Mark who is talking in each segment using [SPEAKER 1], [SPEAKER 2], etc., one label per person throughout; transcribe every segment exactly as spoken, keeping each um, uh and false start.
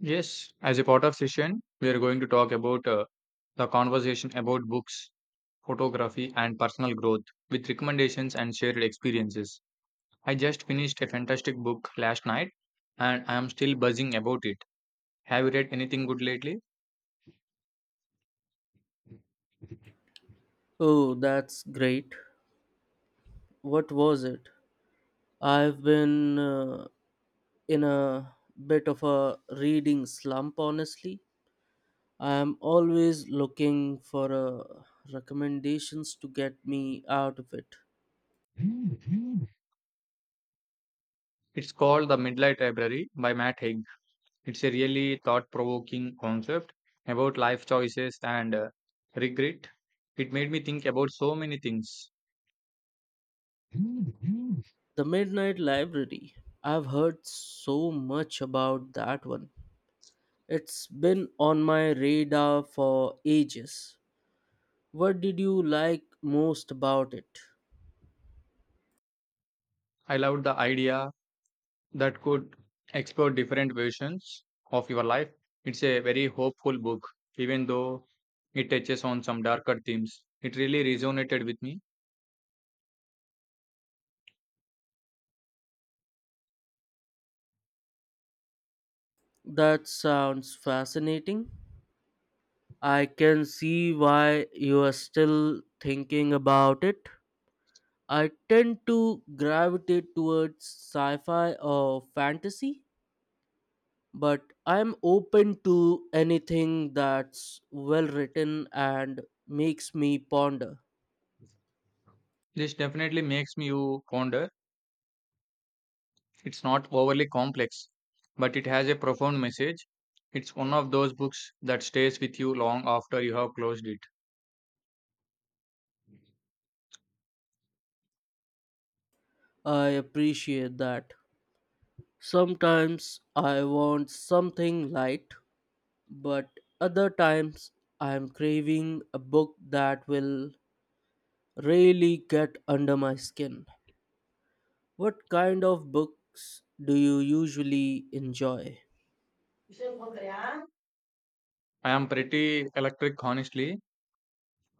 [SPEAKER 1] Yes, as a part of session, we are going to talk about uh, the conversation about books, photography, and personal growth with recommendations and shared experiences. I just finished a fantastic book last night and I am still buzzing about it. Have you read anything good lately?
[SPEAKER 2] Oh, that's great. What was it? I've been uh, in a bit of a reading slump, honestly. I'm always looking for uh, recommendations to get me out of it.
[SPEAKER 1] It's called The Midnight Library by Matt Haig. It's a really thought provoking concept about life choices and uh, regret. It made me think about so many things. I
[SPEAKER 2] The Midnight Library. I've heard so much about that one. It's been on my radar for ages. What did you like most about it?
[SPEAKER 1] loved the idea that could explore different versions of your life. It's a very hopeful book, even though it touches on some darker themes. It really resonated with me.
[SPEAKER 2] That sounds fascinating. I can see why you are still thinking about it. I tend to gravitate towards sci fi or fantasy, but I'm open to anything that's well written and makes me ponder.
[SPEAKER 1] This definitely makes me you ponder. It's not overly complex, but it has a profound message. It's one of those books that stays with you long after you have closed it.
[SPEAKER 2] I appreciate that. Sometimes I want something light, but other times I'm craving a book that will really get under my skin. What kind of books do you usually enjoy?
[SPEAKER 1] I am pretty electric, honestly.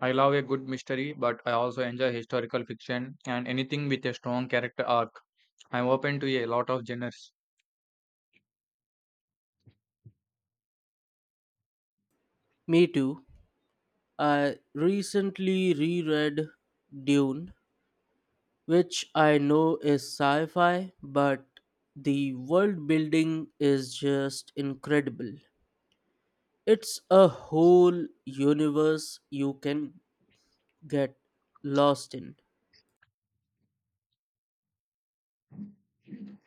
[SPEAKER 1] I love a good mystery, but I also enjoy historical fiction and anything with a strong character arc. I'm open to a lot of genres.
[SPEAKER 2] Me too. I recently reread Dune, which I know is sci fi, but the world building is just incredible. It's a whole universe you can get lost in.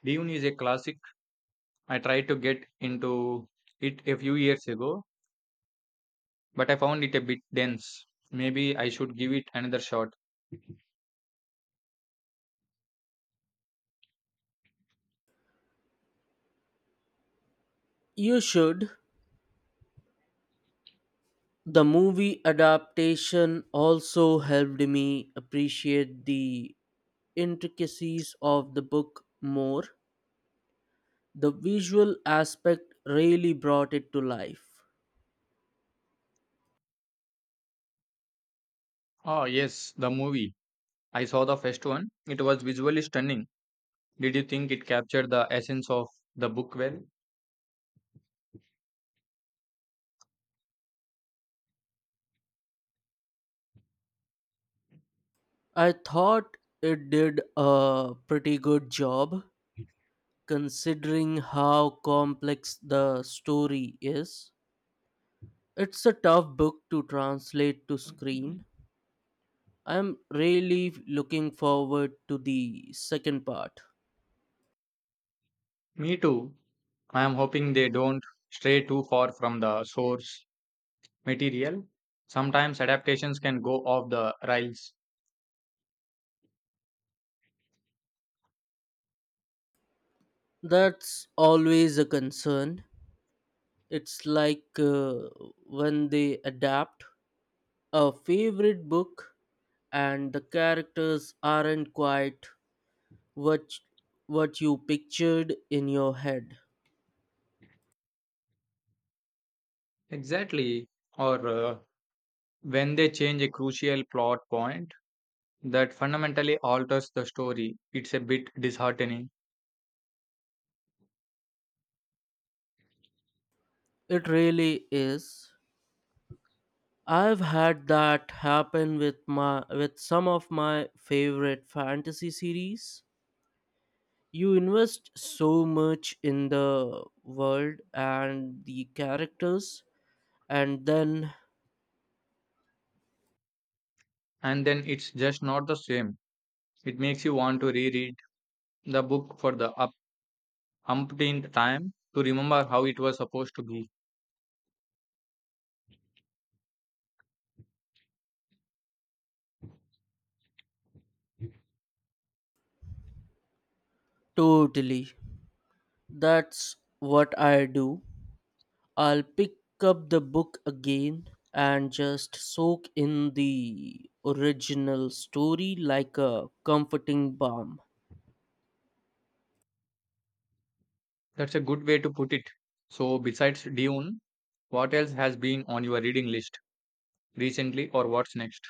[SPEAKER 1] Dune is a classic. I tried to get into it a few years ago, but I found it a bit dense. Maybe I should give it another shot.
[SPEAKER 2] You should. The movie adaptation also helped me appreciate the intricacies of the book more, the visual aspect really brought it to life.
[SPEAKER 1] Ah, yes, the movie. I saw the first one. It was visually stunning. Did you think it captured the essence of the book well?
[SPEAKER 2] I thought it did a pretty good job considering how complex the story is. It's a tough book to translate to screen. I'm really looking forward to the second part.
[SPEAKER 1] Me too. I am hoping they don't stray too far from the source material. Sometimes adaptations can go off the rails.
[SPEAKER 2] That's always a concern. It's like uh, when they adapt a favorite book and the characters aren't quite what what you pictured in your head.
[SPEAKER 1] Exactly. Or uh, when they change a crucial plot point that fundamentally alters the story, it's a bit disheartening.
[SPEAKER 2] It really is. I've had that happen with my with some of my favorite fantasy series. You invest so much in the world and the characters, and then
[SPEAKER 1] And then it's just not the same. It makes you want to reread the book for the up- umpteenth time to remember how it was supposed to be.
[SPEAKER 2] totally, that's what I do. I'll pick up the book again and just soak in the original story like a comforting balm.
[SPEAKER 1] That's a good way to put it. So, besides Dune, what else has been on your reading list recently or what's next?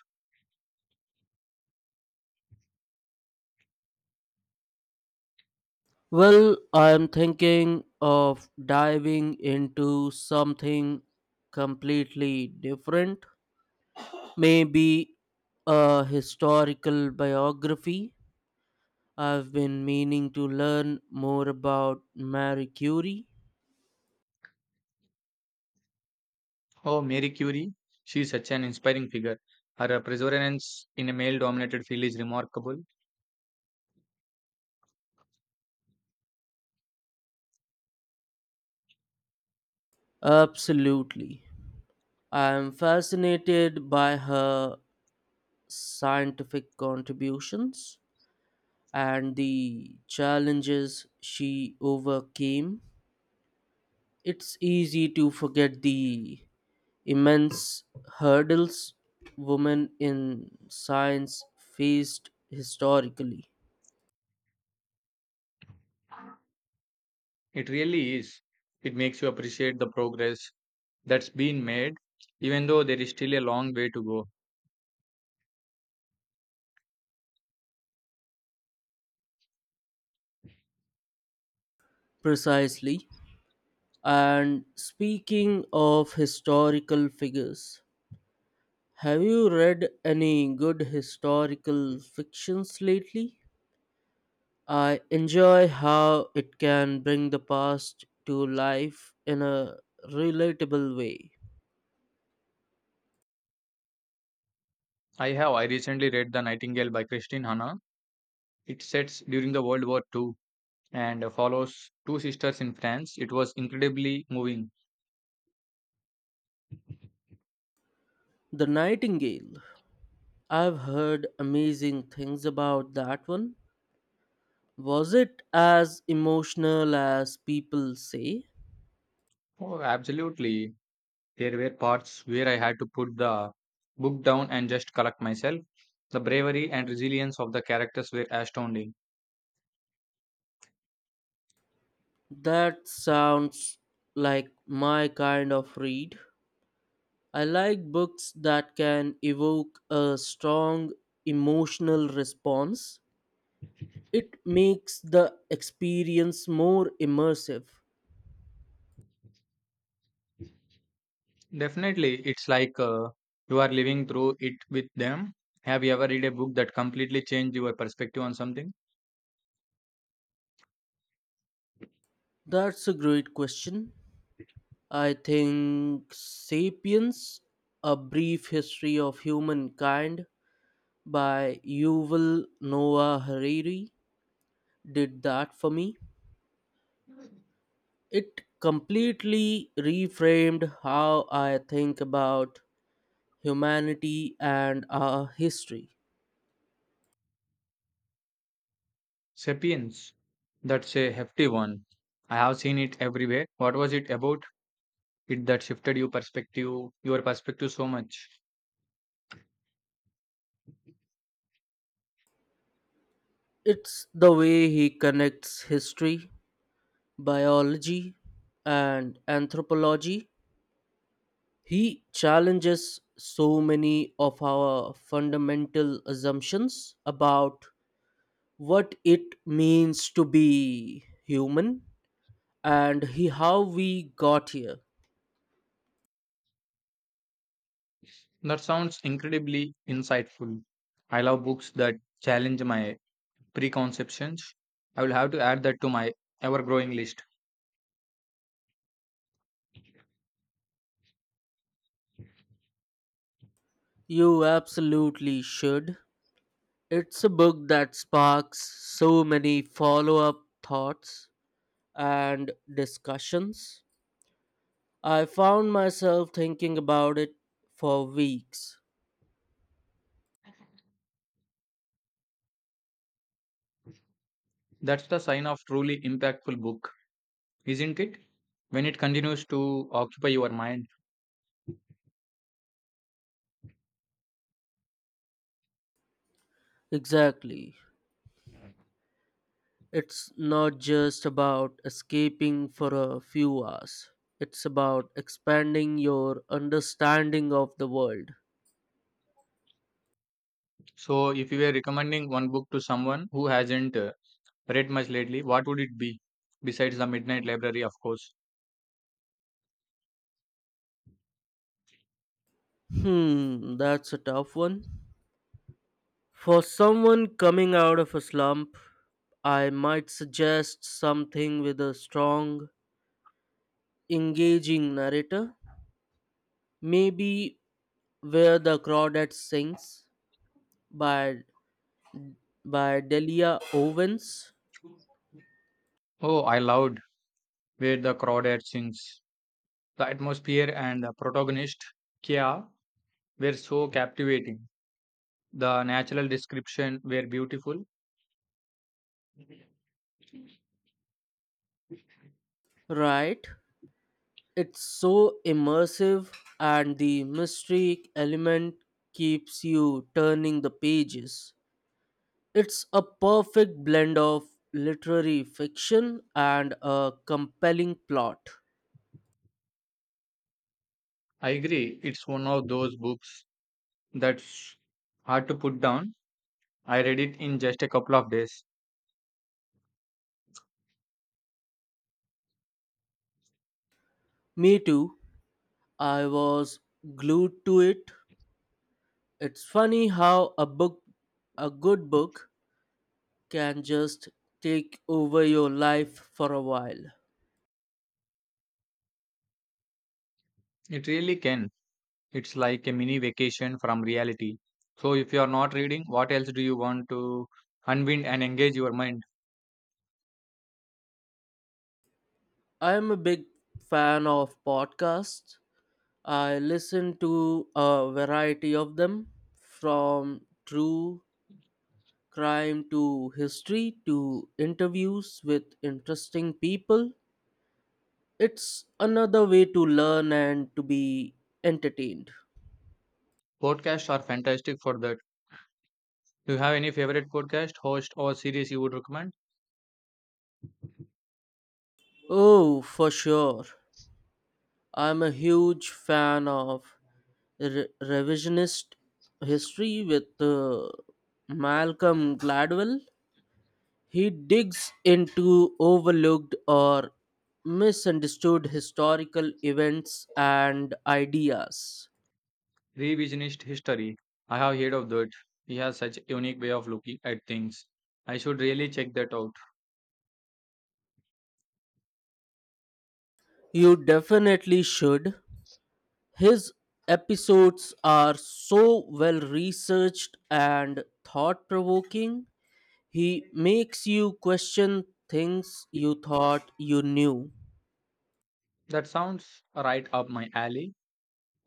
[SPEAKER 2] Well, I'm thinking of diving into something completely different. Maybe a historical biography. I've been meaning to learn more about Marie Curie.
[SPEAKER 1] Oh, Mary Curie. She's such an inspiring figure. Her perseverance in a male dominated field is remarkable.
[SPEAKER 2] Absolutely. I am fascinated by her scientific contributions and the challenges she overcame. It's easy to forget the immense hurdles women in science faced historically.
[SPEAKER 1] It really is. It makes you appreciate the progress that's been made, even though there is still a long way to go.
[SPEAKER 2] Precisely. And speaking of historical figures, have you read any good historical fictions lately? I enjoy how it can bring the past to life in a relatable way.
[SPEAKER 1] I have I recently read The Nightingale by Christine Hanna. It sets during the World War two and follows two sisters in France. It was incredibly moving.
[SPEAKER 2] The Nightingale. I've heard amazing things about that one. Was it as emotional as people say?
[SPEAKER 1] Oh, absolutely. There were parts where I had to put the book down and just collect myself. The bravery and resilience of the characters were astounding.
[SPEAKER 2] That sounds like my kind of read. I like books that can evoke a strong emotional response. It makes the experience more immersive.
[SPEAKER 1] Definitely, it's like uh, you are living through it with them. Have you ever read a book that completely changed your perspective on something?
[SPEAKER 2] That's a great question. I think Sapiens, A Brief History of Humankind by Yuval Noah Hariri did that for me. It completely reframed how I think about humanity and our history.
[SPEAKER 1] Sapiens. That's a hefty one. I have seen it everywhere. What was it about it that shifted your perspective, your perspective so much?
[SPEAKER 2] It's the way he connects history, biology, and anthropology. He challenges so many of our fundamental assumptions about what it means to be human and he, how we got here.
[SPEAKER 1] That sounds incredibly insightful. I love books that challenge my preconceptions. I will have to add that to my ever growing list.
[SPEAKER 2] You absolutely should. It's a book that sparks so many follow up thoughts and discussions. I found myself thinking about it for weeks.
[SPEAKER 1] That's the sign of truly impactful book, isn't it? When it continues to occupy your mind.
[SPEAKER 2] Exactly. It's not just about escaping for a few hours. It's about expanding your understanding of the world.
[SPEAKER 1] So, if you were recommending one book to someone who hasn't uh, read much lately, what would it be? Besides The Midnight Library, of course.
[SPEAKER 2] Hmm, that's a tough one. For someone coming out of a slump, I might suggest something with a strong, engaging narrator. Maybe Where the Crawdad Sings by by Delia Owens,
[SPEAKER 1] Oh, I loved Where the Crawdads Sings. The atmosphere and the protagonist, Kia, were so captivating. The natural description were beautiful.
[SPEAKER 2] right? It's so immersive, and the mystery element keeps you turning the pages. It's a perfect blend of literary fiction and a compelling plot.
[SPEAKER 1] I agree, it's one of those books that's hard to put down. I read it in just a couple of days.
[SPEAKER 2] Me too, I was glued to it. It's funny how a book, a good book, can just take over your life for a while.
[SPEAKER 1] It really can. It's like a mini vacation from reality. So if you are not reading, what else do you want to unwind and engage your mind?
[SPEAKER 2] I am a big fan of podcasts. I listen to a variety of them, from true crime to history to interviews with interesting people. It's another way to learn and to be entertained.
[SPEAKER 1] Podcasts are fantastic for that. Do you have any favorite podcast, host, or series you would recommend?
[SPEAKER 2] Oh, for sure. I'm a huge fan of re- revisionist history with uh, Malcolm Gladwell. He digs into overlooked or misunderstood historical events and ideas.
[SPEAKER 1] Revisionist History. I have heard of that. He has such a unique way of looking at things. I should really check that out.
[SPEAKER 2] You definitely should. His episodes are so well researched and thought provoking. He makes you question things you thought you knew.
[SPEAKER 1] That sounds right up my alley.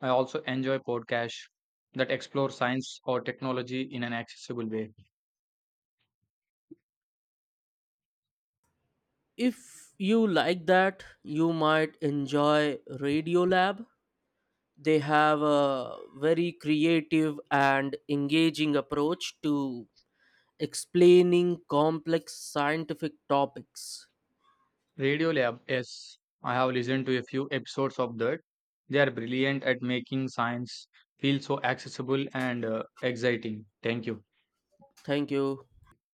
[SPEAKER 1] I also enjoy podcasts that explore science or technology in an accessible way.
[SPEAKER 2] If you like that, you might enjoy Radiolab. They have a very creative and engaging approach to explaining complex scientific topics.
[SPEAKER 1] Radio Lab, yes, I have listened to a few episodes of that. They are brilliant at making science feel so accessible and uh, exciting. Thank you.
[SPEAKER 2] Thank you.